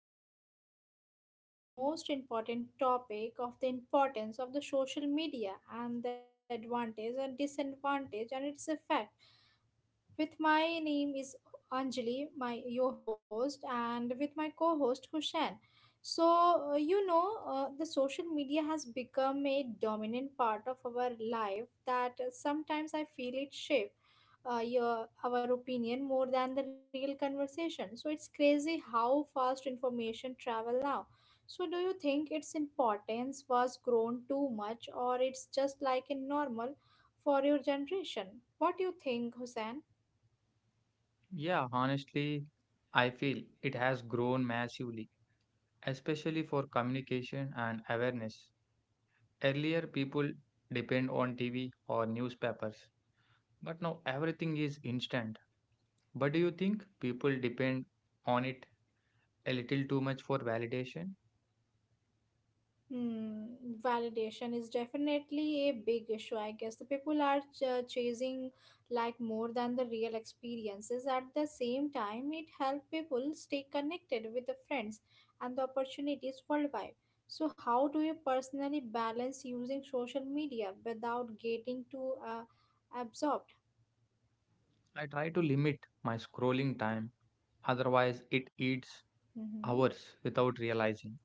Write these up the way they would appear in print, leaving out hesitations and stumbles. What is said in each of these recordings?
are discussing about like the most important topic of the importance of the social media and the advantage and disadvantage and its effect. With my name is Anjali, my your host, and with my co-host Hushan. So the social media has become a dominant part of our life that sometimes I feel it shape your our opinion more than the real conversation. So it's crazy how fast information travel now. So do you think its importance was grown too much, or it's just like a normal for your generation? What do you think, Hussein? Yeah, honestly, I feel it has grown massively, especially for communication and awareness. Earlier, people depend on TV or newspapers, but now everything is instant. But do you think people depend on it a little too much for validation? Hmm, validation is definitely a big issue. I guess the people are chasing like more than the real experiences. At the same time, it helps people stay connected with the friends and the opportunities worldwide. So, how do you personally balance using social media without getting too absorbed? I try to limit my scrolling time. Otherwise, it eats Mhm. hours without realizing,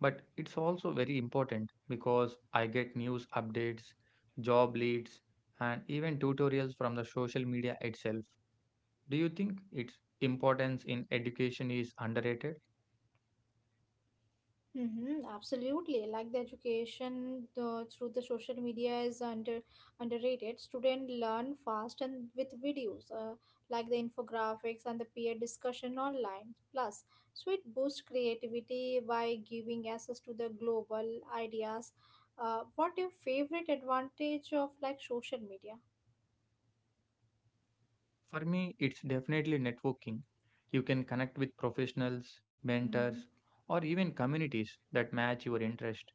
but it's also very important because I get news updates, job leads, and even tutorials from the social media itself. Do you think its importance in education is underrated? Mm-hmm, absolutely. Like the education the, through the social media is under underrated. Students learn fast and with videos, like the infographics and the peer discussion online. Plus, so it boosts creativity by giving access to the global ideas. What your favorite advantage of like social media? For me, it's definitely networking. You can connect with Mm-hmm. professionals, mentors, or even communities that match your interest.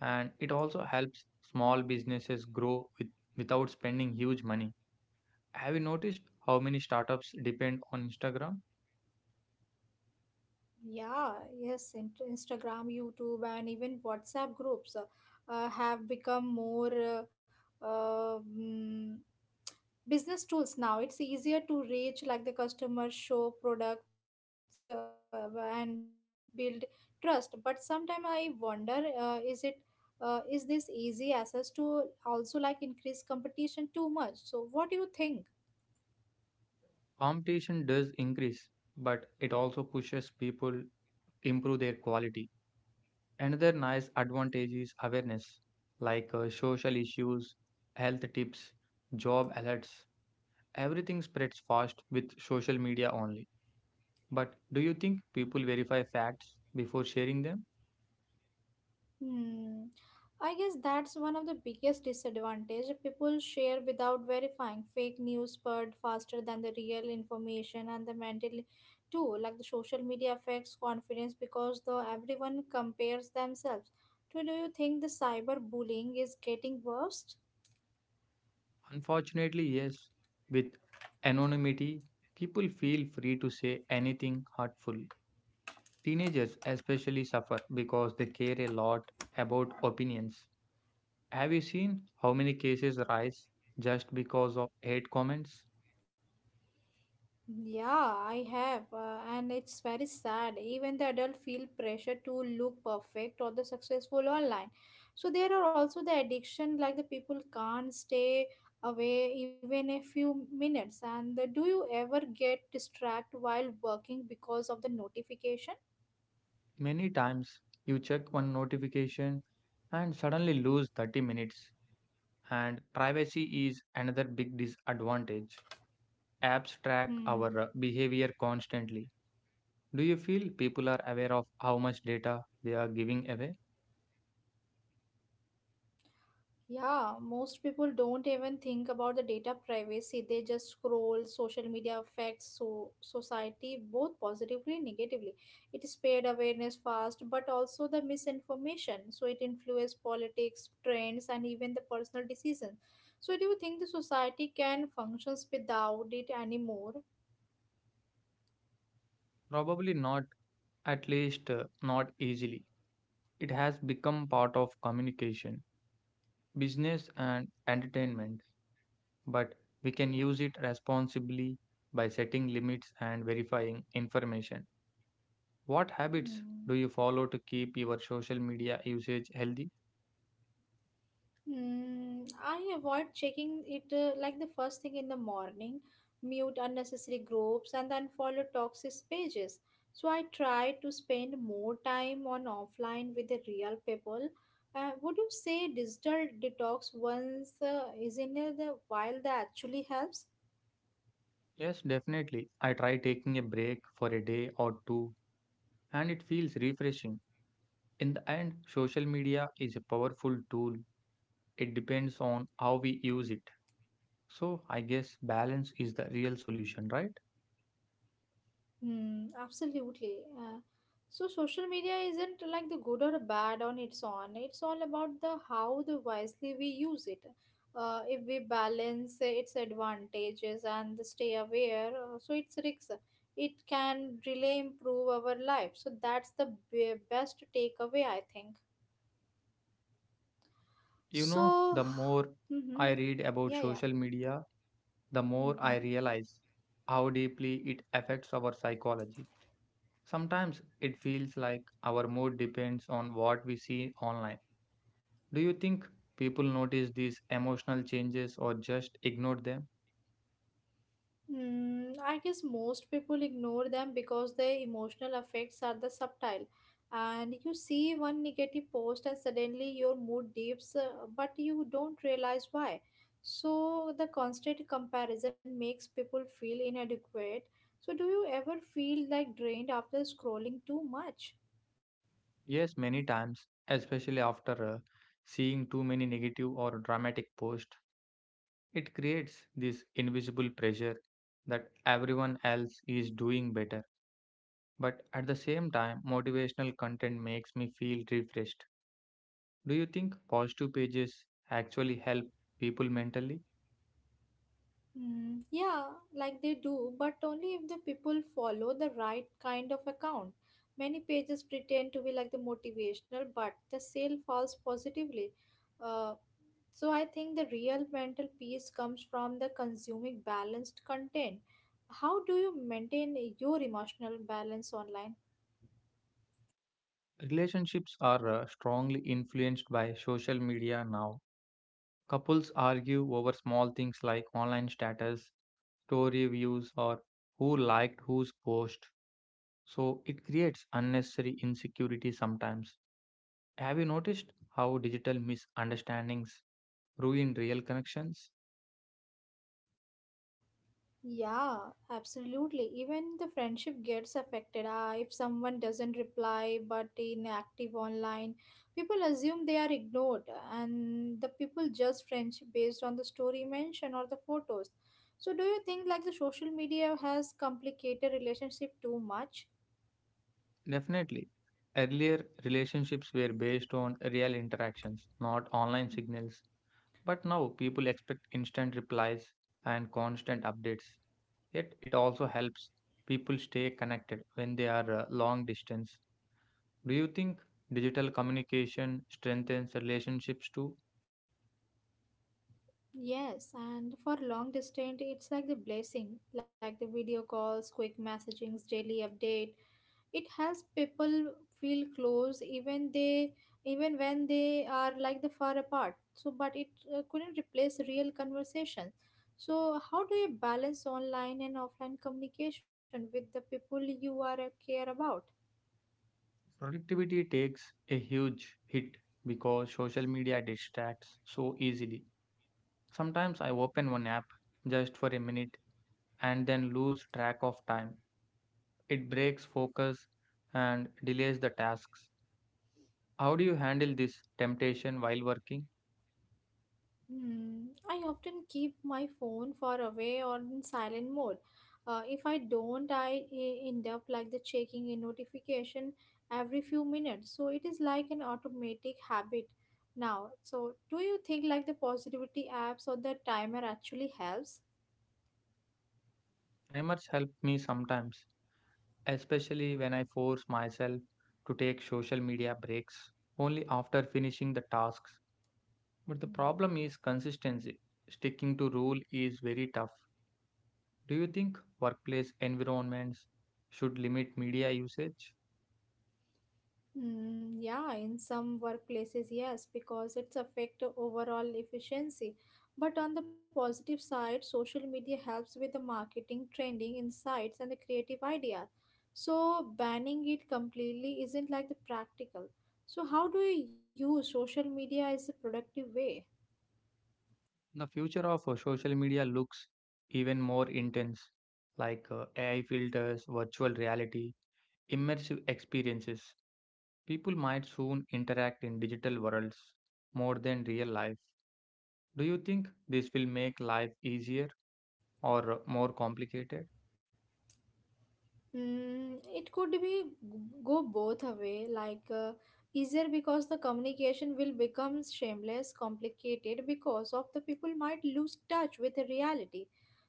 And it also helps small businesses grow without spending huge money. Have you noticed how many startups depend on Instagram? Yeah, yes, in- Instagram, YouTube, and even WhatsApp groups have become more uh, mm, business tools now. It's easier to reach like the customer, show products, and build trust. But sometimes I wonder, is this easy access to also like increase competition too much? So, what do you think? Competition does increase, but it also pushes people to improve their quality. Another nice advantage is awareness, like social issues, health tips, job alerts. Everything spreads fast with social media only. But do you think people verify facts before sharing them? Hmm. I guess that's one of the biggest disadvantage. People share without verifying. Fake news spread faster than the real information and the mental too. Like the social media affects confidence because though everyone compares themselves. So do you think the cyber bullying is getting worse? Unfortunately, yes. With anonymity, people feel free to say anything hurtful. Teenagers especially suffer because they care a lot about opinions. Have you seen how many cases rise just because of hate comments? Yeah, I have, and it's very sad. Even the adult feel pressure to look perfect or the successful online. So there are also the addiction, like the people can't stay away even a few minutes. And do you ever get distracted while working because of the notification? Many times you check one notification and suddenly lose 30 minutes. And privacy is another big disadvantage. Hmm. Apps track our behavior constantly. Do you feel people are aware of how much data they are giving away? Yeah, most people don't even think about the data privacy. They just scroll. Social media affects so society both positively and negatively. It spread awareness fast, but also the misinformation. So it influences politics, trends, and even the personal decisions. So do you think the society can functions without it anymore? Probably not, at least not easily. It has become part of communication, business, and entertainment, but we can use it responsibly by setting limits and verifying information. What habits Mm. do you follow to keep your social media usage healthy? Mm, I avoid checking it like the first thing in the morning, mute unnecessary groups, and then follow toxic pages. So I try to spend more time on offline with the real people. Would you say digital detox once is in it, the while that actually helps? Yes, definitely. I try taking a break for a day or two, and it feels refreshing. In the end, social media is a powerful tool. It depends on how we use it. So, I guess balance is the real solution, right? Hmm, absolutely. So social media isn't like the good or bad on its own. It's all about the how the wisely we use it. If we balance its advantages and stay aware, so it's risks. It can really improve our life. So that's the best takeaway, I think. You know, So, the more mm-hmm. I read about Yeah, yeah. social media, the more I Mm-hmm. realize how deeply it affects our psychology. Sometimes it feels like our mood depends on what we see online. Do you think people notice these emotional changes or just ignore them? Mm, I guess most people ignore them because their emotional effects are the subtle. And you see one negative post, and suddenly your mood dips, but you don't realize why. So, the constant comparison makes people feel inadequate. So, do you ever feel like drained after scrolling too much? Yes, many times, especially after seeing too many negative or dramatic posts. It creates this invisible pressure that everyone else is doing better. But at the same time, motivational content makes me feel refreshed. Do you think positive pages actually help people mentally? Hmm. Yeah, like they do, but only if the people follow the right kind of account. Many pages pretend to be like the motivational, but the sale falls positively. Uh, so I think the real mental peace comes from the consuming balanced content. How do you maintain your emotional balance online? Relationships are strongly influenced by social media now. Couples argue over small things like online status, story views, or who liked whose post. So it creates unnecessary insecurity sometimes. Have you noticed how digital misunderstandings ruin real connections? Yeah, absolutely. Even the friendship gets affected. If someone doesn't reply but inactive online, people assume they are ignored, and the people judge friendship based on the story mentioned or the photos. So, do you think like the social media has complicated relationship too much? Definitely. Earlier, relationships were based on real interactions, not online signals. But now, people expect instant replies and constant updates. Yet, it also helps people stay connected when they are long distance. Do you think digital communication strengthens relationships too? Yes, and for long distance, it's like the blessing, like the video calls, quick messagings, daily update. It helps people feel close even when they are like the far apart, so but it couldn't replace real conversation. So how do you balance online and offline communication with the people you are care about? Productivity takes a huge hit because social media distracts so easily. Sometimes I open one app just for a minute and then lose track of time. It breaks focus and delays the tasks. How do you handle this temptation while working? Hmm, I often keep my phone far away or in silent mode. If I don't, I end up like the checking a notification every few minutes. So it is like an automatic habit now. So do you think like the positivity apps or the timer actually helps? Timers help me sometimes, especially when I force myself to take social media breaks only after finishing the tasks. But the problem is consistency. Sticking to rule is very tough. Do you think workplace environments should limit media usage? Mm, yeah, in some workplaces, yes, because it's affect overall efficiency. But on the positive side, social media helps with the marketing, trending, insights, and the creative ideas. So banning it completely isn't like the practical. So how do you use social media as a productive way? The future of social media looks even more intense, like AI filters, virtual reality, immersive experiences. People might soon interact in digital worlds more than real life. Do you think this will make life easier or more complicated? Mm, it could be go both a way, like easier because the communication will become shameless, complicated because of the people might lose touch with the reality.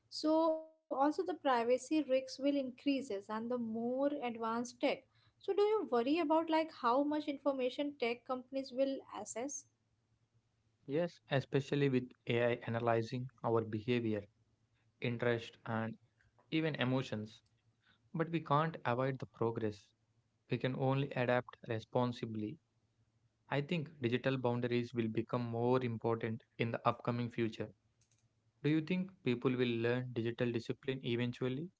So also the privacy risks will increases and the more advanced tech. So do you worry about like how much information tech companies will access? Yes, especially with AI analyzing our behavior, interest, and even emotions. But we can't avoid the progress. We can only adapt responsibly. I think digital boundaries will become more important in the upcoming future. Do you think people will learn digital discipline eventually?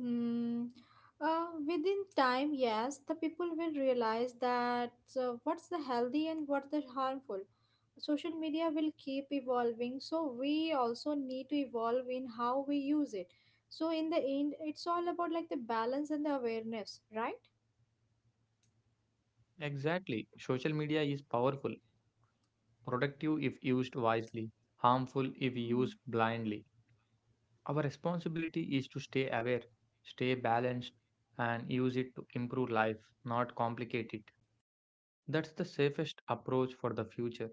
Mm, Within time, yes, the people will realize that what's the healthy and what's the harmful. Social media will keep evolving, so we also need to evolve in how we use it. So in the end it's all about like the balance and the awareness, right? Exactly. Social media is powerful, productive if used wisely, harmful if Hmm. used blindly. Our responsibility is to stay aware, stay balanced, and use it to improve life, not complicate it. That's the safest approach for the future.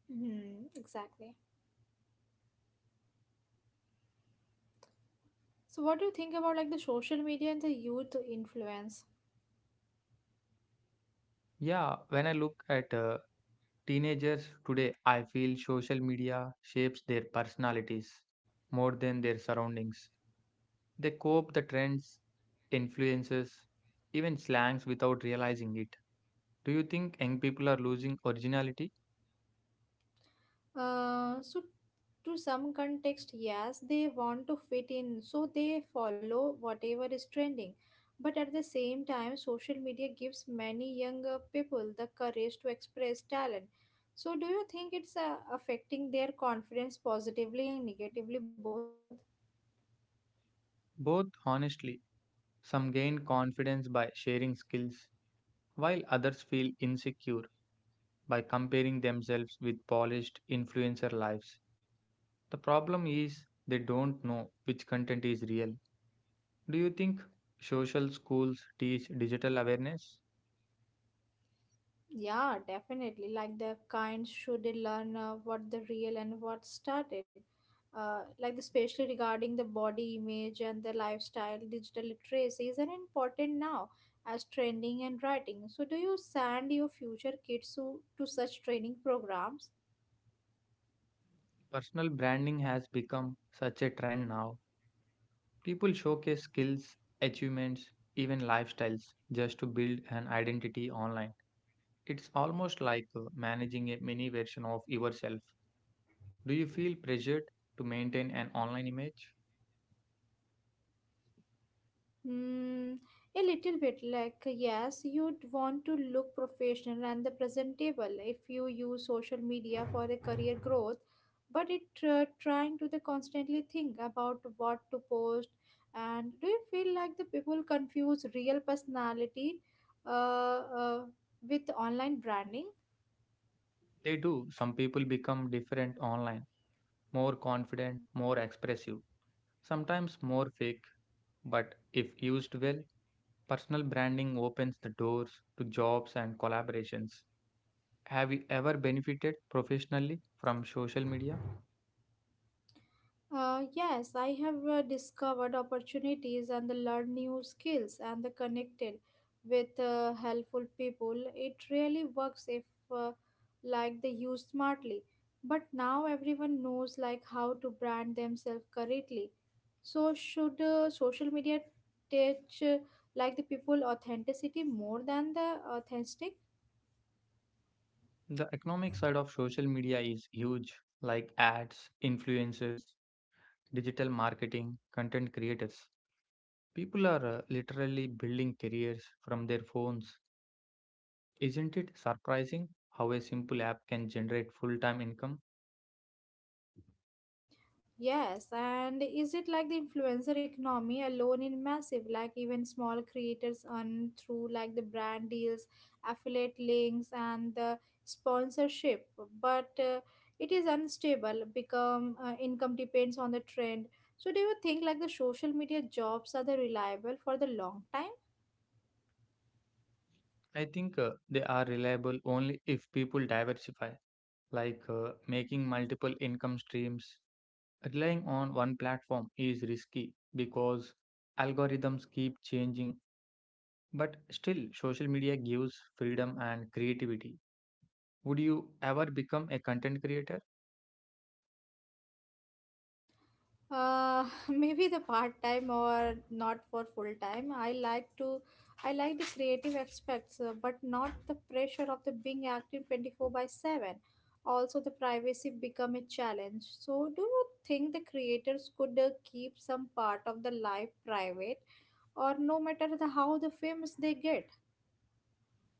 Hmm, exactly. So what do you think about like the social media and the youth influence? Yeah, when I look at teenagers today, I feel social media shapes their personalities more than their surroundings. They cope the trends, influences, even slangs without realizing it. Do you think young people are losing originality? So to some context, yes, they want to fit in, so they follow whatever is trending. But at the same time social media gives many younger people the courage to express talent. So do you think it's affecting their confidence positively and negatively both? Both, honestly. Some gain confidence by sharing skills, while others feel insecure by comparing themselves with polished influencer lives. The problem is they don't know which content is real. Do you think social schools teach digital awareness? Yeah, definitely. Like the kind should learn what the real and what started. Like especially regarding the body image and the lifestyle, digital literacy is an important now as training and writing. So, do you send your future kids to such training programs? Personal branding has become such a trend now. People showcase skills, achievements, even lifestyles just to build an identity online. It's almost like managing a mini version of yourself. Do you feel pressured to maintain an online image? Hmm, a little bit like yes, you'd want to look professional and the presentable if you use social media for a career growth, but it trying to the constantly think about what to post. And do you feel like the people confuse real personality uh, uh, with online branding? They do. Some people become different online, more confident, more expressive, sometimes more fake, but if used well, personal branding opens the doors to jobs and collaborations. Have you ever benefited professionally from social media? Yes, I have discovered opportunities and learned new skills and connected with helpful people. It really works if uh, like they use smartly. But now everyone knows like how to brand themselves correctly. So should social media teach like the people authenticity more than the authentic? The economic side of social media is huge, like ads, influencers, digital marketing, content creators. People are literally building careers from their phones. Isn't it surprising how a simple app can generate full time income? Yes, and is it like the influencer economy alone in massive? Like even small creators earn through like the brand deals, affiliate links, and the sponsorship. But it is unstable. Become income depends on the trend. So do you think like the social media jobs are the reliable for the long time? I think they are reliable only if people diversify, like making multiple income streams. Relying on one platform is risky because algorithms keep changing, but still, social media gives freedom and creativity. Would you ever become a content creator? Maybe the part time or not for full time. I like the creative aspects, but not the pressure of the being active 24/7. Also, the privacy become a challenge. So, do you think the creators could keep some part of the life private, or no matter the how the famous they get?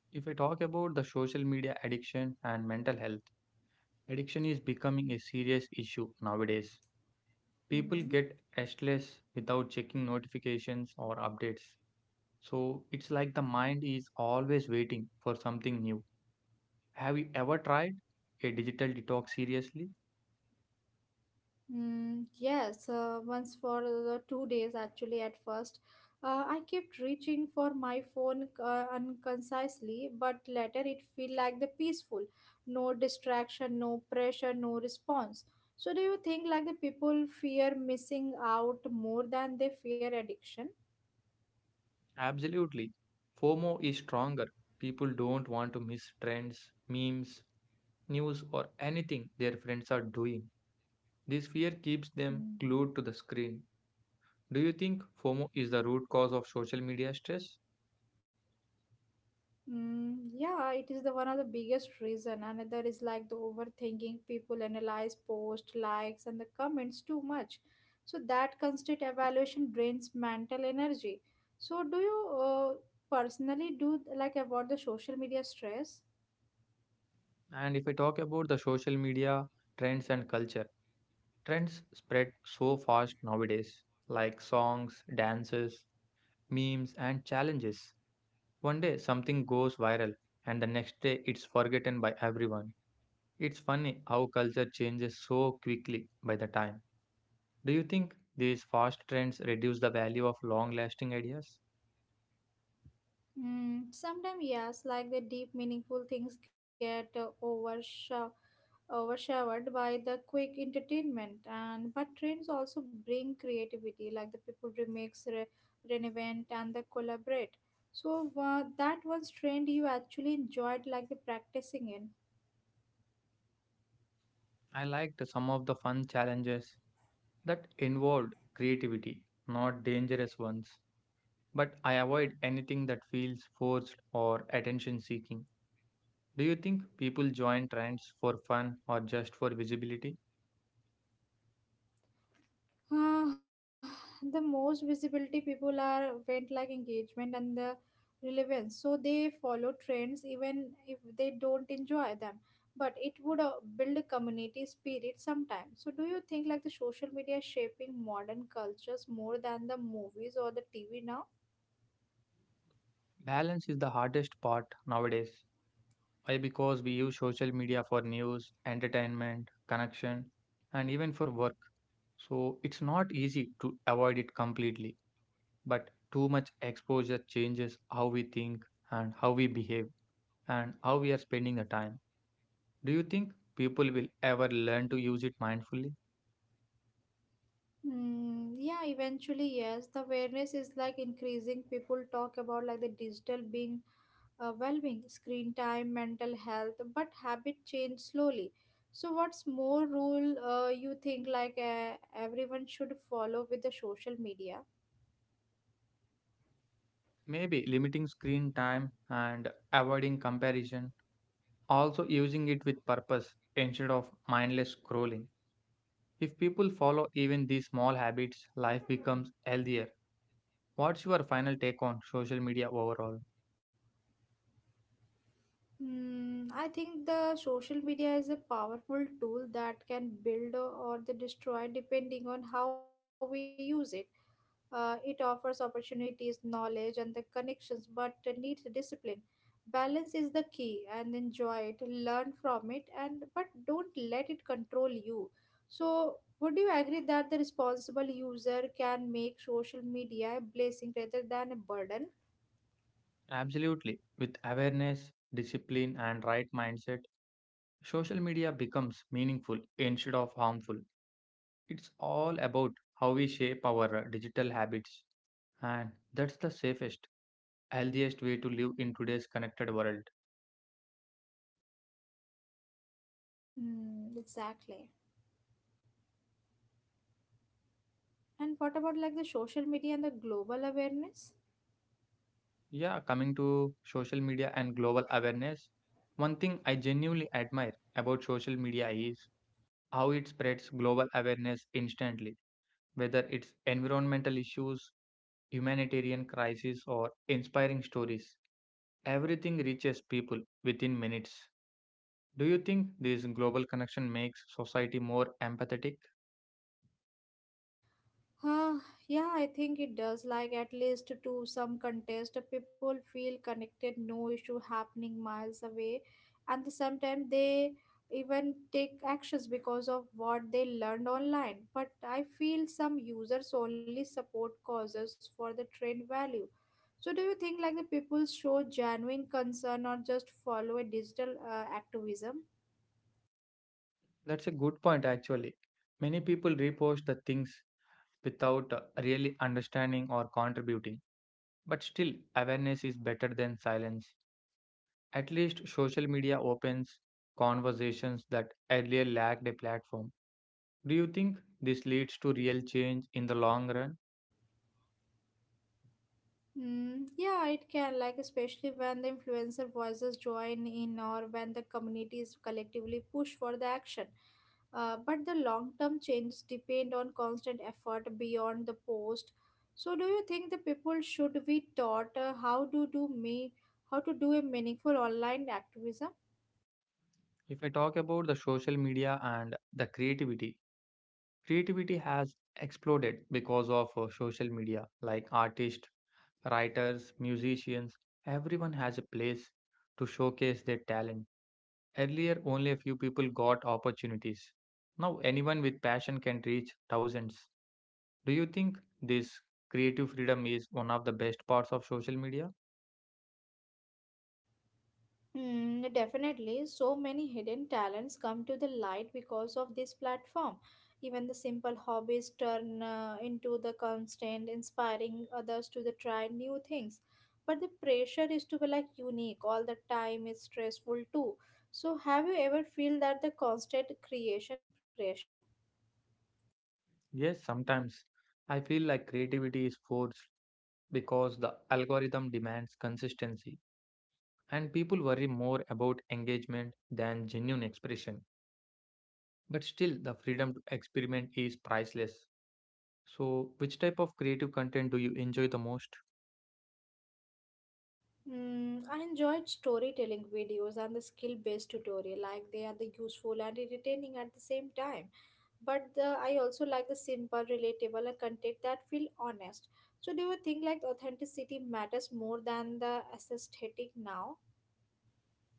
If I talk about the social media addiction and mental health, addiction is becoming a serious issue nowadays. People Mm-hmm. get restless without checking notifications or updates. So it's like the mind is always waiting for something new. Have you ever tried a digital detox seriously? Mm, yes, once for the 2 days actually at first. I kept reaching for my phone unconcisely, but later it feel like the peaceful. No distraction, no pressure, no response. So do you think like the people fear missing out more than they fear addiction? Absolutely. FOMO is stronger. People don't want to miss trends, memes, news, or anything their friends are doing. This fear keeps them Mm. glued to the screen. Do you think FOMO is the root cause of social media stress? Mm, yeah, it is the one of the biggest reason. Another is like the overthinking. People analyze post likes and the comments too much, so that constant evaluation drains mental energy. So, do you personally do like about the social media stress? And if I talk about the social media trends and culture, trends spread so fast nowadays, like songs, dances, memes, and challenges. One day something goes viral, and the next day it's forgotten by everyone. It's funny how culture changes so quickly by the time. Do you think these fast trends reduce the value of long lasting ideas? Mm, sometimes yes, like the deep meaningful things get overshadowed by the quick entertainment, and but trends also bring creativity like the people remix reinvent and the collaborate. So that was trend you actually enjoyed like the practicing in? I liked some of the fun challenges that involved creativity, not dangerous ones. But I avoid anything that feels forced or attention seeking. Do you think people join trends for fun or just for visibility? Uh, the most visibility people are went like engagement and the relevance, so they follow trends even if they don't enjoy them, but it would build a community spirit sometimes. So do you think like the social media is shaping modern cultures more than the movies or the tv now? Balance is the hardest part nowadays. Why? Because we use social media for news, entertainment, connection, and even for work. So it's not easy to avoid it completely. But too much exposure changes how we think and how we behave and how we are spending the time. Do you think people will ever learn to use it mindfully? Mm, yeah, eventually, yes. The awareness is like increasing. People talk about like the digital being well-being, screen time, mental health, but habit change slowly. So, what's more rule you think like everyone should follow with the social media? Maybe limiting screen time and avoiding comparison, also using it with purpose instead of mindless scrolling. If people follow even these small habits, life becomes healthier. What's your final take on social media overall? I think the social media is a powerful tool that can build or the destroy depending on how we use it. It offers opportunities, knowledge, and the connections, but needs discipline. Balance is the key, and enjoy it, learn from it, and but don't let it control you. So, would you agree that the responsible user can make social media a blessing rather than a burden? Absolutely. With awareness, discipline, and right mindset, social media becomes meaningful instead of harmful. It's all about how we shape our digital habits, and that's the safest, healthiest way to live in today's connected world. Mm, exactly. And what about like the social media and the global awareness? Yeah, coming to social media and global awareness, one thing I genuinely admire about social media is how it spreads global awareness instantly, whether it's environmental issues, humanitarian crises, or inspiring stories. Everything reaches people within minutes. Do you think this global connection makes society more empathetic? Uh, yeah, I think it does. Like, at least to some contest, people feel connected, no issue happening miles away. And sometimes they even take actions because of what they learned online. But I feel some users only support causes for the trend value. So, do you think like the people show genuine concern or just follow a digital activism? That's a good point, actually. Many people repost the things without really understanding or contributing. But still, awareness is better than silence. At least social media opens conversations that earlier lacked a platform. Do you think this leads to real change in the long run? Mm, yeah, it can, like, especially when the influencer voices join in or when the communities collectively push for the action. But the long term changes depend on constant effort beyond the post. So, do you think the people should be taught how to do a meaningful online activism? If I talk about the social media and the creativity, creativity has exploded because of social media, like artists, writers, musicians, everyone has a place to showcase their talent. Earlier, only a few people got opportunities. Now, anyone with passion can reach thousands. Do you think this creative freedom is one of the best parts of social media? Mm, definitely, so many hidden talents come to the light because of this platform. Even the simple hobbies turn into the constant, inspiring others to the try new things. But the pressure is to be like unique all the time is stressful too. So, have you ever feel that the constant creation pressure? Yes, sometimes. I feel like creativity is forced because the algorithm demands consistency, and people worry more about engagement than genuine expression. But still, the freedom to experiment is priceless. So, which type of creative content do you enjoy the most? Mm, I enjoyed storytelling videos and the skill-based tutorial, like they are the useful and entertaining at the same time. But the, I also like the simple relatable and content that feel honest. So do you think like authenticity matters more than the aesthetic now?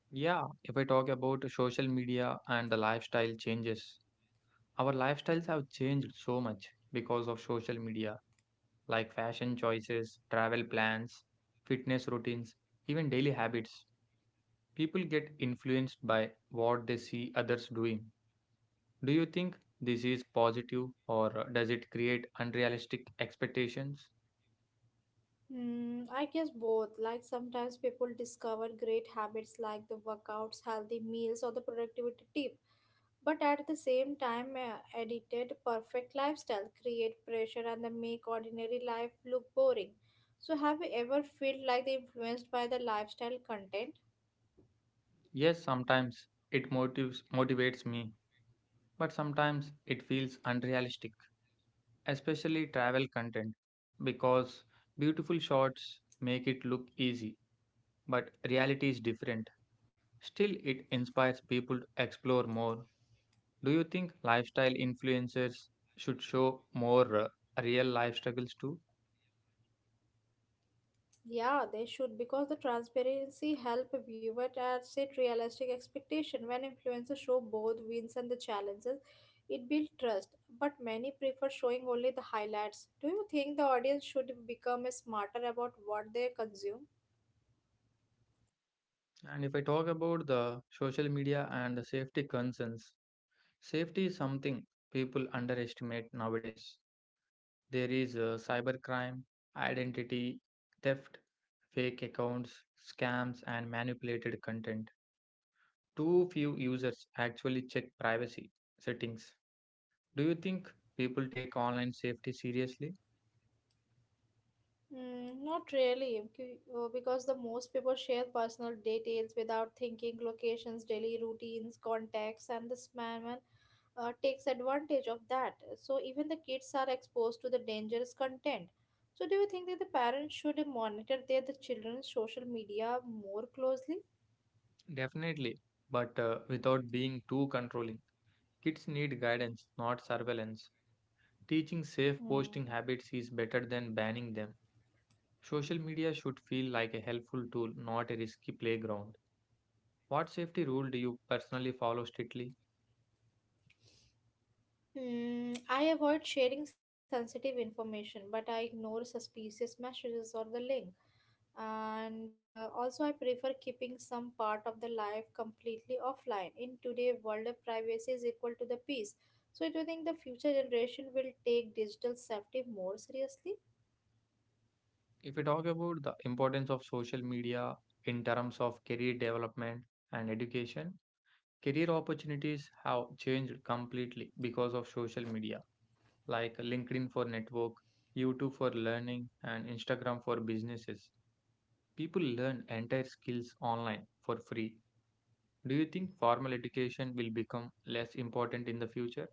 Yeah, if I talk about social media and the lifestyle changes, our lifestyles have changed so much because of social media, like fashion choices, travel plans, fitness routines, even daily habits. People get influenced by what they see others doing. Do you think this is positive or does it create unrealistic expectations? I guess both. Like sometimes people discover great habits like the workouts, healthy meals, or the productivity tip. But at the same time, edited perfect lifestyle create pressure and then make ordinary life look boring. So have you ever felt like they influenced by the lifestyle content? Yes, sometimes it motives, motivates me, but sometimes it feels unrealistic, especially travel content, because beautiful shots make it look easy, but reality is different. Still, it inspires people to explore more. Do you think lifestyle influencers should show more real life struggles too? Yeah, they should because the transparency help a viewer to set realistic expectation. When influencers show both wins and the challenges, it builds trust. But many prefer showing only the highlights. Do you think the audience should become smarter about what they consume? And if I talk about the social media and the safety concerns, safety is something people underestimate nowadays. There is cybercrime, identity theft, fake accounts, scams, and manipulated content. Too few users actually check privacy settings. Do you think people take online safety seriously? Mm, not really, because the most people share personal details without thinking, locations, daily routines, contacts, and this man takes advantage of that. So even the kids are exposed to the dangerous content. So do you think that the parents should monitor the children's social media more closely? Definitely, but without being too controlling. Kids need guidance, not surveillance. Teaching safe posting Hmm. habits is better than banning them. Social media should feel like a helpful tool, not a risky playground. What safety rule do you personally follow strictly? Hmm, I avoid sharing sensitive information, but I ignore suspicious messages or the link. And also, I prefer keeping some part of the life completely offline. In today's world, of privacy is equal to the peace. So, do you think the future generation will take digital safety more seriously? If we talk about the importance of social media in terms of career development and education, career opportunities have changed completely because of social media, like LinkedIn for network, YouTube for learning, and Instagram for businesses. People learn entire skills online for free. Do you think formal education will become less important in the future?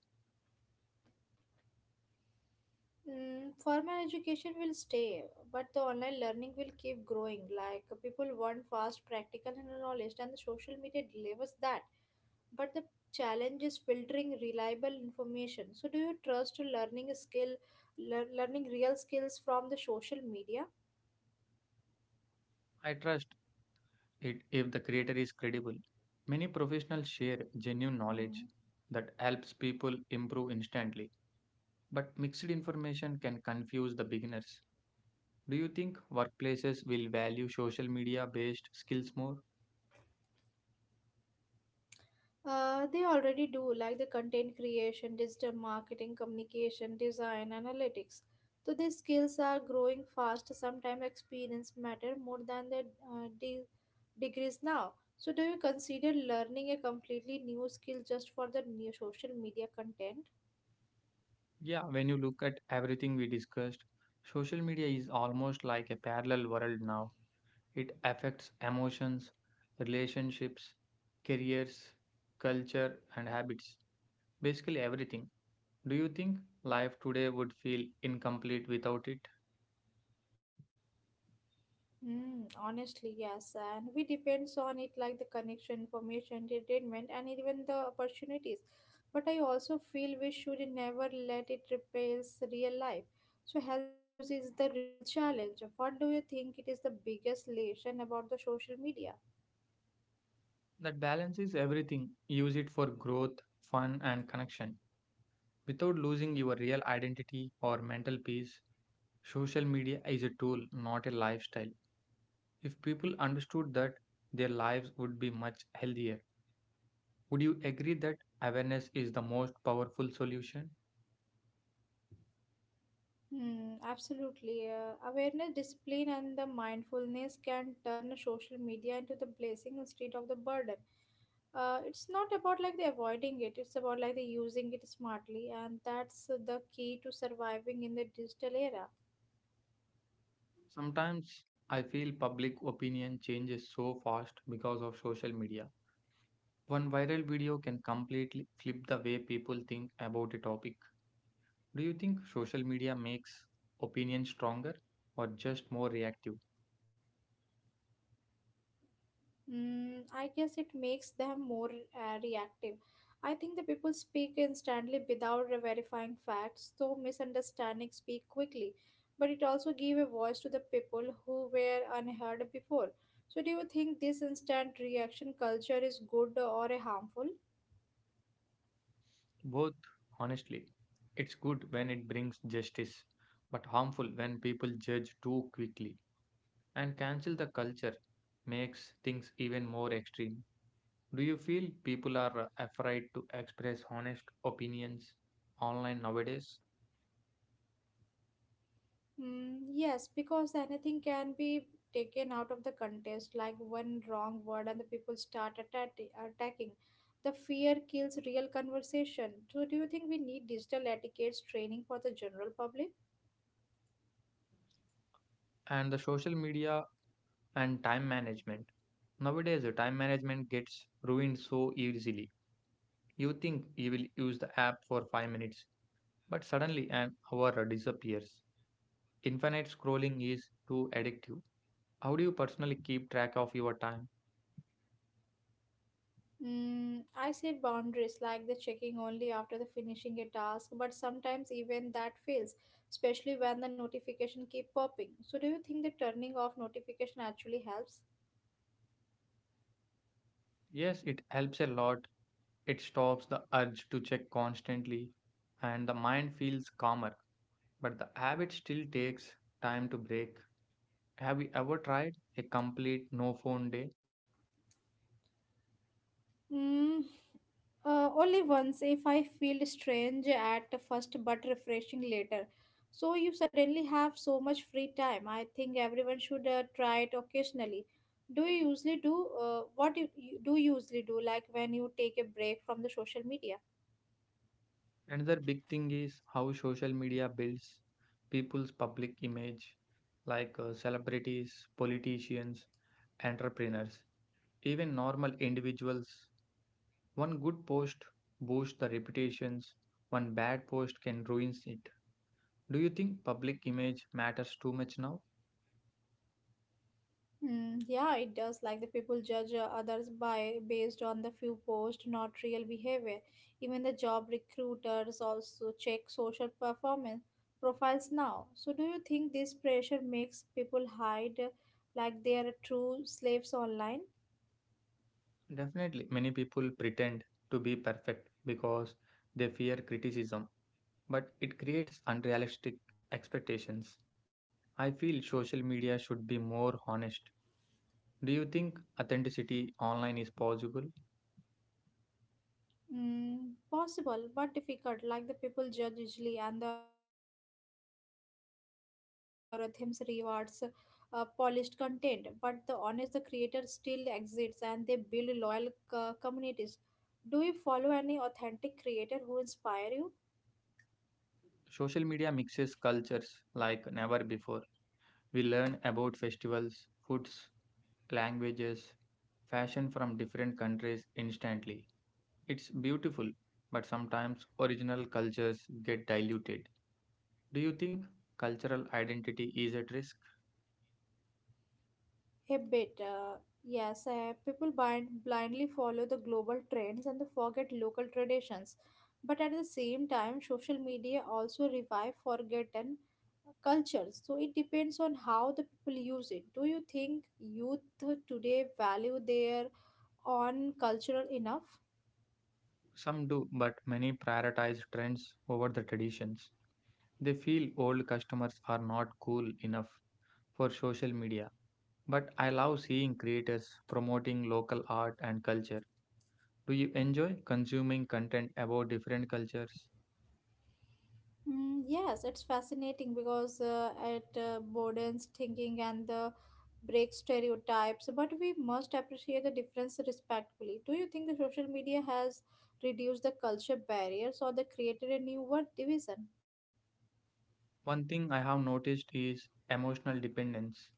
Mm, formal education will stay, but the online learning will keep growing. Like people want fast, practical, and knowledge, and the social media delivers that. But the challenge is filtering reliable information. So do you trust learning a skill, learning real skills from the social media? I trust it if the creator is credible. Many professionals share genuine knowledge Hmm. that helps people improve instantly, but mixed information can confuse the beginners. Do you think workplaces will value social media based skills more? They already do, like the content creation, digital marketing, communication, design, analytics. So these skills are growing fast. Sometimes experience matter more than the uh, de- degrees now. So do you consider learning a completely new skill just for the new social media content? Yeah, when you look at everything we discussed, social media is almost like a parallel world now. It affects emotions, relationships, careers, culture, and habits. Basically, everything. Do you think life today would feel incomplete without it? Mm, honestly, yes, and we depends on it like the connection, information, entertainment, and even the opportunities. But I also feel we should never let it replace real life. So healthy use is the real challenge. What do you think it is the biggest lesson about the social media? That balance is everything. Use it for growth, fun, and connection without losing your real identity or mental peace. Social media is a tool, not a lifestyle. If people understood that, their lives would be much healthier. Would you agree that awareness is the most powerful solution? Hmm, absolutely. Awareness, discipline, and the mindfulness can turn social media into the blessing instead of the burden. It's not about like the avoiding it, it's about like the using it smartly, and that's the key to surviving in the digital era. Sometimes I feel public opinion changes so fast because of social media. One viral video can completely flip the way people think about a topic. Do you think social media makes opinion stronger or just more reactive? Mm, I guess it makes them more reactive. I think the people speak instantly without verifying facts, so misunderstandings speak quickly. But it also give a voice to the people who were unheard before. So do you think this instant reaction culture is good or harmful? Both, honestly. It's good when it brings justice, but harmful when people judge too quickly. And cancel the culture makes things even more extreme. Do you feel people are afraid to express honest opinions online nowadays? Mm, yes, because anything can be taken out of the context, like one wrong word, and the people start attacking. The fear kills real conversation. So, do you think we need digital etiquette training for the general public? And the social media and time management. Nowadays, the time management gets ruined so easily. You think you will use the app for 5 minutes, but suddenly an hour disappears. Infinite scrolling is too addictive. How do you personally keep track of your time? Mm, I said boundaries, like the checking only after the finishing a task, but sometimes even that fails, especially when the notification keep popping. So, do you think the turning off notification actually helps? Yes, it helps a lot. It stops the urge to check constantly, and the mind feels calmer, but the habit still takes time to break. Have you ever tried a complete no phone day? Mm, only once if I feel strange at first but refreshing later. So you suddenly have so much free time. I think everyone should try it occasionally. Do you usually do what you do you usually do like when you take a break from the social media? Another big thing is how social media builds people's public image, like celebrities, politicians, entrepreneurs, even normal individuals. One good post boosts the reputations, one bad post can ruin it. Do you think public image matters too much now? Mm, yeah, it does. Like the people judge others by based on the few posts, not real behavior. Even the job recruiters also check social performance profiles now. So, do you think this pressure makes people hide like they are true slaves online? Definitely, many people pretend to be perfect because they fear criticism, but it creates unrealistic expectations. I feel social media should be more honest. Do you think authenticity online is possible? Mm, possible, but difficult. Like the people judge usually, and the algorithms rewards polished content. But the honest, the creator still exists, and they build loyal communities. Do you follow any authentic creator who inspire you? Social media mixes cultures like never before. We learn about festivals, foods, languages, fashion from different countries instantly. It's beautiful, but sometimes original cultures get diluted. Do you think cultural identity is at risk? A bit, yes. People blindly follow the global trends and they forget local traditions. But at the same time, social media also revive forgotten cultures. So it depends on how the people use it. Do you think youth today value their own cultural enough? Some do, but many prioritize trends over the traditions. They feel old customers are not cool enough for social media. But I love seeing creators promoting local art and culture. Do you enjoy consuming content about different cultures? Mm, yes, it's fascinating because it broadens thinking and the breaks stereotypes. But we must appreciate the difference respectfully. Do you think the social media has reduced the culture barriers or the created a new world division? One thing I have noticed is emotional dependence.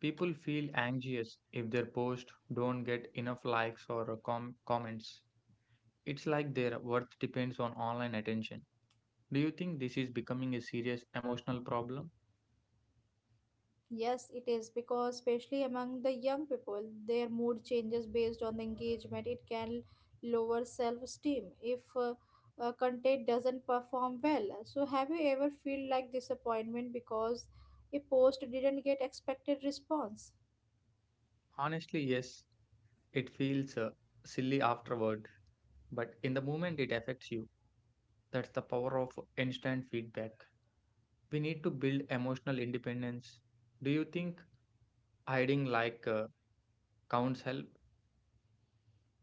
People feel anxious if their posts don't get enough likes or comments. It's like their worth depends on online attention. Do you think this is becoming a serious emotional problem? Yes, it is because, especially among the young people, their mood changes based on the engagement. It can lower self esteem if content doesn't perform well. So, have you ever feel like disappointment because a post didn't get expected response? Honestly, yes, it feels silly afterward, but in the moment it affects you. That's the power of instant feedback. We need to build emotional independence. Do you think hiding like counts help?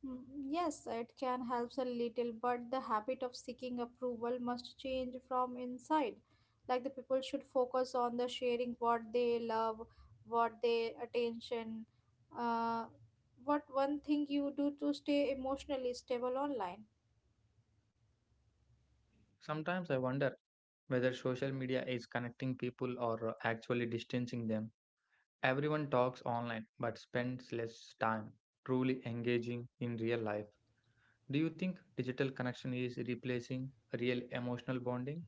Mm, yes, it can help a little, but the habit of seeking approval must change from inside. Like the people should focus on the sharing what they love, what they attention, uh, what one thing you do to stay emotionally stable online. Sometimes I wonder whether social media is connecting people or actually distancing them. Everyone talks online but spends less time truly engaging in real life. Do you think digital connection is replacing real emotional bonding?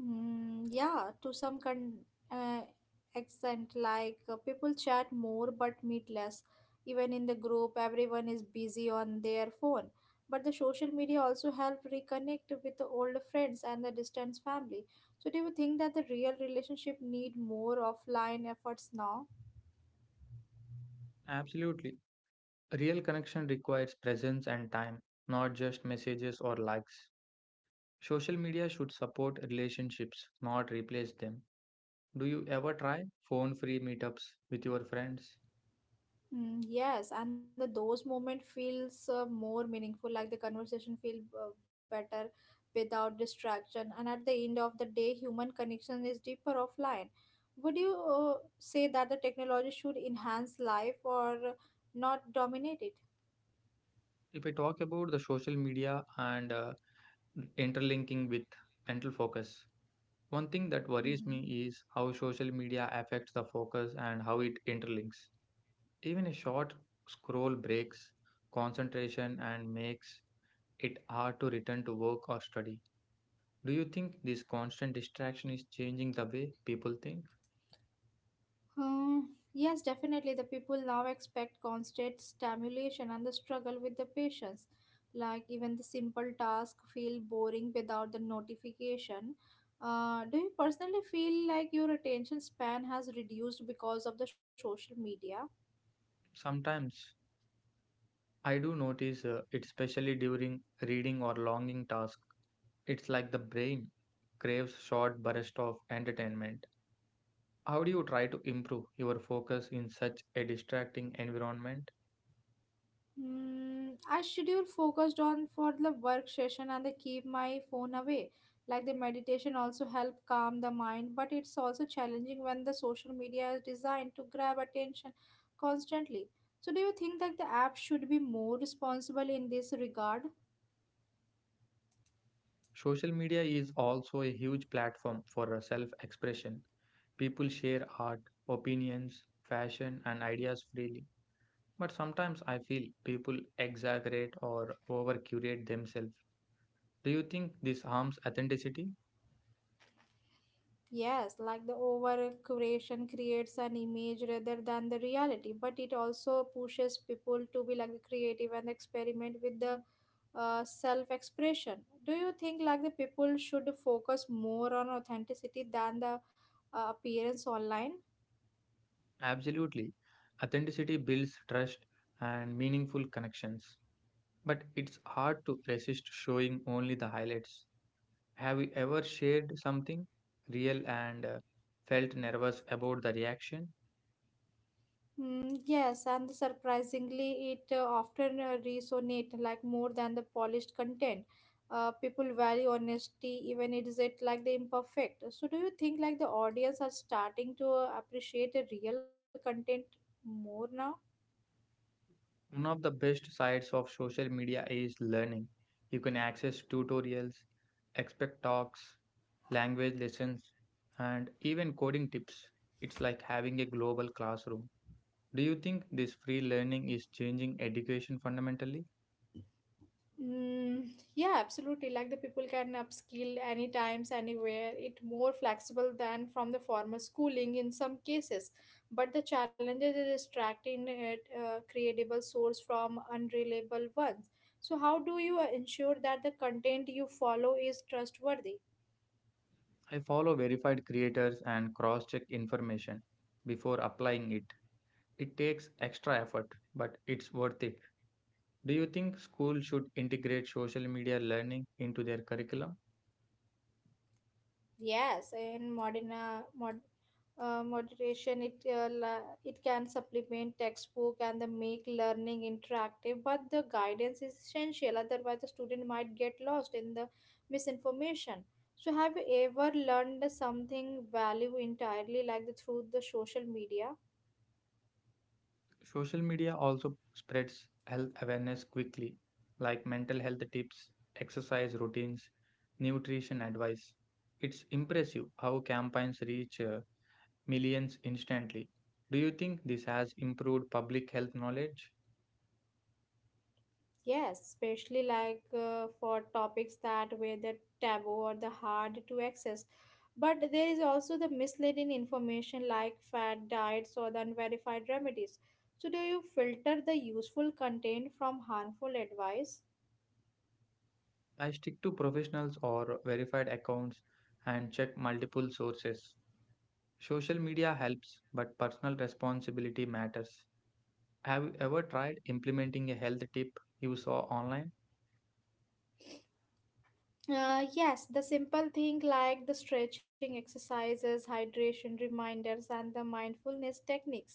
Mm, yeah, to some uh, extent, like people chat more but meet less. Even in the group, everyone is busy on their phone. But the social media also help reconnect with the older friends and the distant family. So, do you think that the real relationship need more offline efforts now? Absolutely. Real connection requires presence and time, not just messages or likes. Social media should support relationships, not replace them. Do you ever try phone free meetups with your friends? Mm, yes, and the those moment feels more meaningful, like the conversation feel better without distraction. And at the end of the day, human connection is deeper offline. Would you say that the technology should enhance life or not dominate it? If I talk about the social media and interlinking with mental focus, one thing that worries Mhm. me is how social media affects the focus and how it interlinks. Even a short scroll breaks concentration and makes it hard to return to work or study. Do you think this constant distraction is changing the way people think? Hmm. Yes, definitely. The people now expect constant stimulation and the struggle with the patients. Like even the simple task feel boring without the notification. Do you personally feel like your attention span has reduced because of the social media? Sometimes I do notice it, especially during reading or longing tasks. It's like the brain craves short bursts of entertainment. How do you try to improve your focus in such a distracting environment? Hmm, I schedule focused on for the work session and they keep my phone away. Like the meditation also help calm the mind, but it's also challenging when the social media is designed to grab attention constantly. So do you think that the app should be more responsible in this regard? Social media is also a huge platform for self expression. People share art, opinions, fashion, and ideas freely. But sometimes I feel people exaggerate or over curate themselves. Do you think this harms authenticity? Yes, like the over curation creates an image rather than the reality, but it also pushes people to be like creative and experiment with the self-expression. Do you think like the people should focus more on authenticity than the appearance online? Absolutely. Authenticity builds trust and meaningful connections. But it's hard to resist showing only the highlights. Have you ever shared something real and felt nervous about the reaction? Mm, yes, and surprisingly, it often resonate like more than the polished content. People value honesty, even it is it like the imperfect. So, do you think like the audience are starting to appreciate the real content more now? One of the best sides of social media is learning. You can access tutorials, expert talks, language lessons, and even coding tips. It's like having a global classroom. Do you think this free learning is changing education fundamentally? Mm, yeah, absolutely. Like the people can upskill any times, anywhere. It more flexible than from the formal schooling in some cases, but the challenges is extracting it creatable source from unreliable ones. So, how do you ensure that the content you follow is trustworthy? I follow verified creators and cross check information before applying it. It takes extra effort, but it's worth it. Do you think schools should integrate social media learning into their curriculum? Yes, in modern moderation, it it can supplement textbook and the make learning interactive, but the guidance is essential. Otherwise, the student might get lost in the misinformation. So, have you ever learned something value entirely like the through the social media? Social media also spreads health awareness quickly, like mental health tips, exercise routines, nutrition advice. It's impressive how campaigns reach millions instantly. Do you think this has improved public health knowledge? Yes, especially like for topics that were the taboo or the hard to access. But there is also the misleading information like fad diets or the unverified remedies. So, do you filter the useful content from harmful advice? I stick to professionals or verified accounts and check multiple sources. Social media helps, but personal responsibility matters. Have you ever tried implementing a health tip you saw online? Yes, the simple thing like the stretching exercises, hydration reminders, and the mindfulness techniques,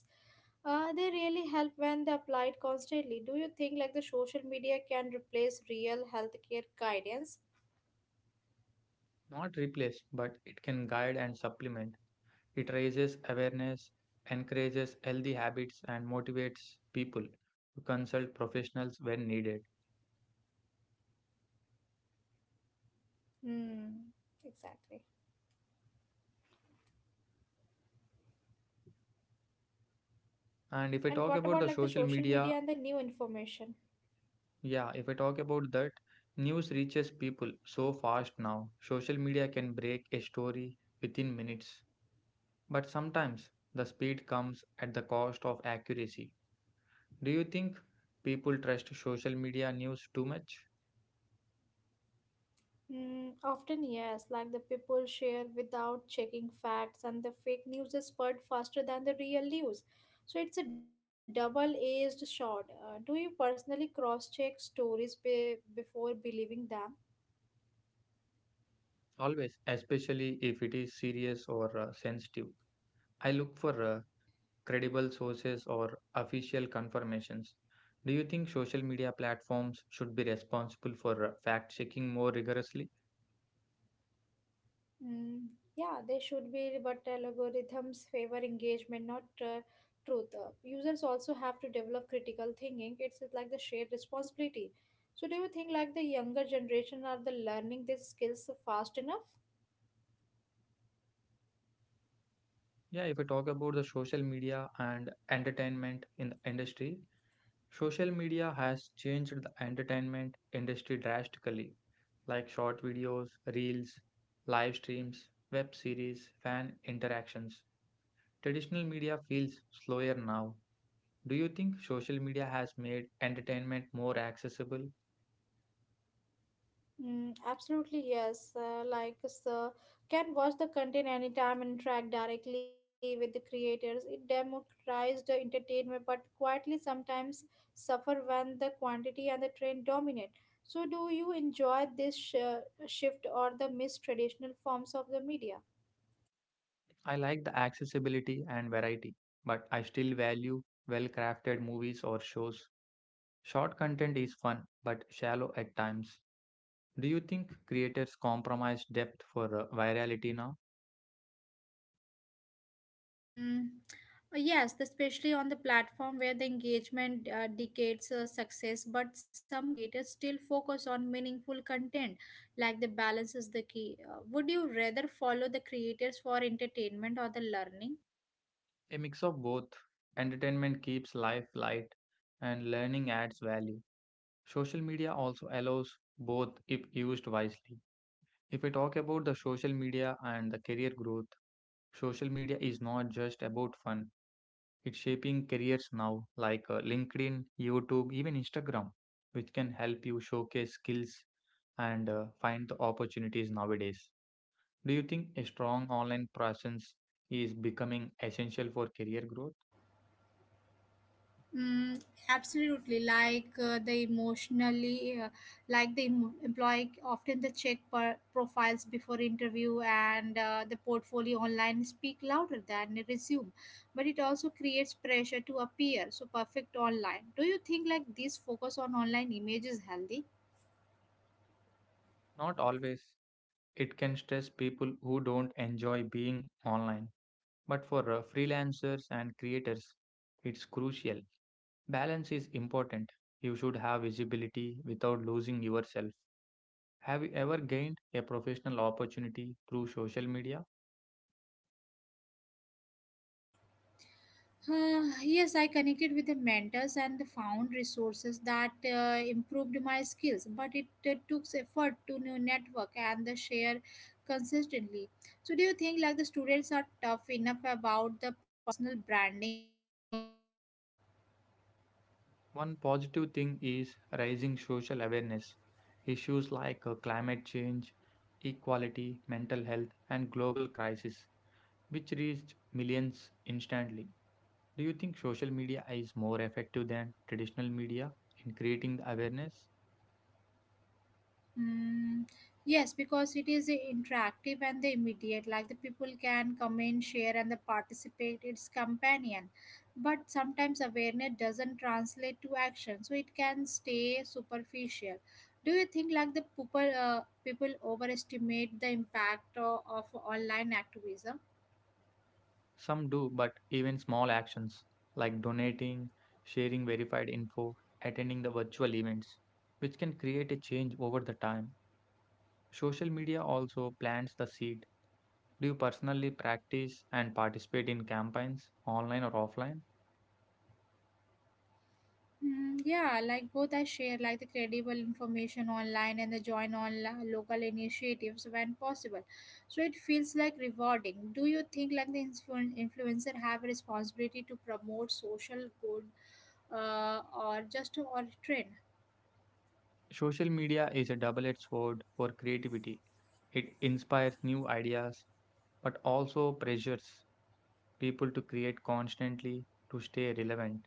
they really help when they applied constantly. Do you think like the social media can replace real healthcare guidance? Not replace, but it can guide and supplement. It raises awareness, encourages healthy habits, and motivates people to consult professionals when needed. Hmm, exactly. And what about And like the if I talk social about the media and the social new media, information? yeah, if I talk about that, news reaches people so fast now. Social media can break a story within minutes. But sometimes the speed comes at the cost of accuracy. Do you think people trust social media news too much? Often, yes, like the people share without checking facts, and the fake news is spread faster than the real news. So it's a double-edged sword. Do you personally cross-check stories before believing them? Always, especially if it is serious or sensitive. I look for credible sources or official confirmations. Do you think social media platforms should be responsible for fact checking more rigorously? Mm, yeah, they should be, but algorithms favor engagement, not truth. Users also have to develop critical thinking. It's like the shared responsibility. So do you think like the younger generation are the learning these skills fast enough? Yeah, if we talk about the social media and entertainment in the industry, social media has changed the entertainment industry drastically, like short videos, reels, live streams, web series, fan interactions. Traditional media feels slower now. Do you think social media has made entertainment more accessible? Mm, absolutely, yes. So can watch the content anytime and interact directly with the creators. It democratized the entertainment, but quietly sometimes suffer when the quantity and the trend dominate. So, do you enjoy this shift or the missed traditional forms of the media? I like the accessibility and variety, but I still value well crafted movies or shows. Short content is fun, but shallow at times. Do you think creators compromise depth for virality now? Mm, yes, especially on the platform where the engagement dictates success, but some creators still focus on meaningful content, like the balance is the key. Would you rather follow the creators for entertainment or the learning? A mix of both. Entertainment keeps life light, and learning adds value. Social media also allows both if used wisely. If I talk about the social media and the career growth, social media is not just about fun. It's shaping careers now, like LinkedIn, YouTube, even Instagram, which can help you showcase skills and find the opportunities nowadays. Do you think a strong online presence is becoming essential for career growth? Mm, absolutely. Like the emotionally, like the employee often the check profiles before interview and the portfolio online speak louder than a resume, but it also creates pressure to appear so perfect online. Do you think like this focus on online image is healthy? Not always. It can stress people who don't enjoy being online. But for freelancers and creators, it's crucial. Balance is important. You should have visibility without losing yourself. Have you ever gained a professional opportunity through social media? Yes, I connected with the mentors and found resources that improved my skills, but it took effort to new network and the share consistently. So, do you think like the students are tough enough about the personal branding online? One positive thing is raising social awareness. Issues like climate change, equality, mental health, and global crisis, which reached millions instantly. Do you think social media is more effective than traditional media in creating the awareness? Mm, yes, because it is interactive and the immediate. Like the people can comment, share, and the participate. It's companion, but sometimes awareness doesn't translate to action, so it can stay superficial. Do you think like the people overestimate the impact of online activism? Some do, but even small actions like donating, sharing verified info, attending the virtual events, which can create a change over the time. Social media also plants the seed. Do you personally practice and participate in campaigns, online or offline? Mm, yeah, like both I share like the credible information online and the join on local initiatives when possible. So it feels like rewarding. Do you think like the influencer have a responsibility to promote social good or just to or trend? Social media is a double edged sword for creativity. It inspires new ideas, but also pressures people to create constantly to stay relevant.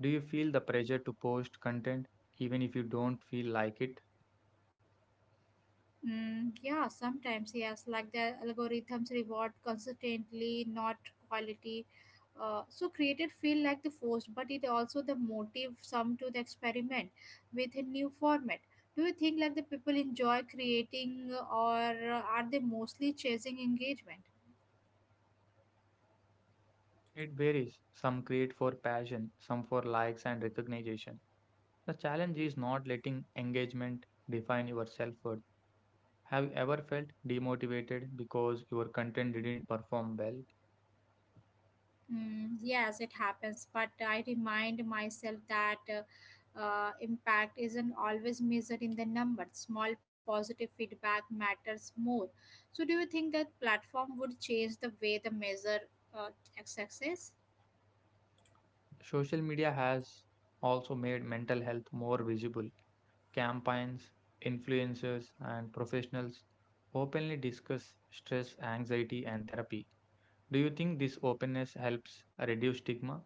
Do you feel the pressure to post content even if you don't feel like it? Mm, yeah, sometimes yes, like the algorithms reward consistently, not quality. So created feel like the forced, but it also the motive some to the experiment with a new format. Do you think like the people enjoy creating, or are they mostly chasing engagement? It varies. Some create for passion, some for likes and recognition. The challenge is not letting engagement define your self worth. Have you ever felt demotivated because your content didn't perform well? Mm, yes, it happens, but I remind myself that impact isn't always measured in the number. Small positive feedback matters more. So, do you think that platform would change the way the measure uh, success? Social media has also made mental health more visible. Campaigns, influencers, and professionals openly discuss stress, anxiety, and therapy. Do you think this openness helps reduce stigma?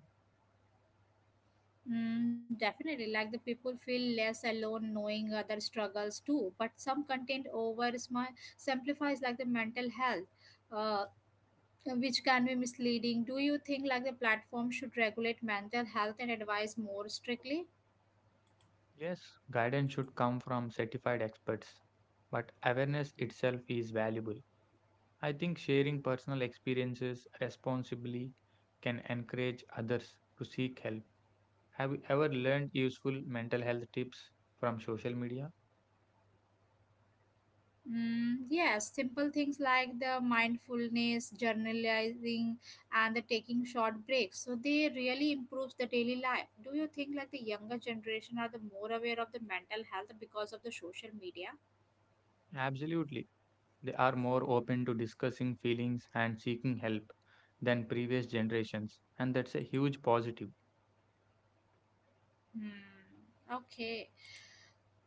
Mm, definitely, like the people feel less alone knowing other struggles too. But some content over simplifies like the mental health. Uh, which can be misleading. Do you think like the platform should regulate mental health and advise more strictly? Yes, guidance should come from certified experts, but awareness itself is valuable. I think sharing personal experiences responsibly can encourage others to seek help. Have you ever learned useful mental health tips from social media? Mm, yes, simple things like the mindfulness, journalizing, and the taking short breaks. So they really improves the daily life. Do you think like the younger generation are the more aware of the mental health because of the social media? Absolutely. They are more open to discussing feelings and seeking help than previous generations, and that's a huge positive. Hmm. Okay.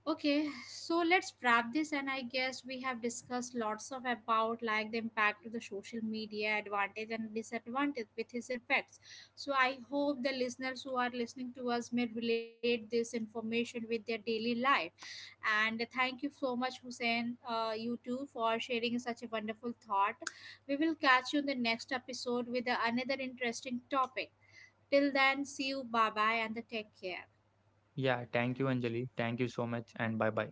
Okay, so let's wrap this and I guess we have discussed lots of about like the impact of the social media advantage and disadvantage with its effects. So I hope the listeners who are listening to us may relate this information with their daily life. And thank you so much Hussein, you too for sharing such a wonderful thought. We will catch you in the next episode with another interesting topic. Till then, see you, bye bye and the take care. Yeah, thank you, Anjali. Thank you so much, and bye bye.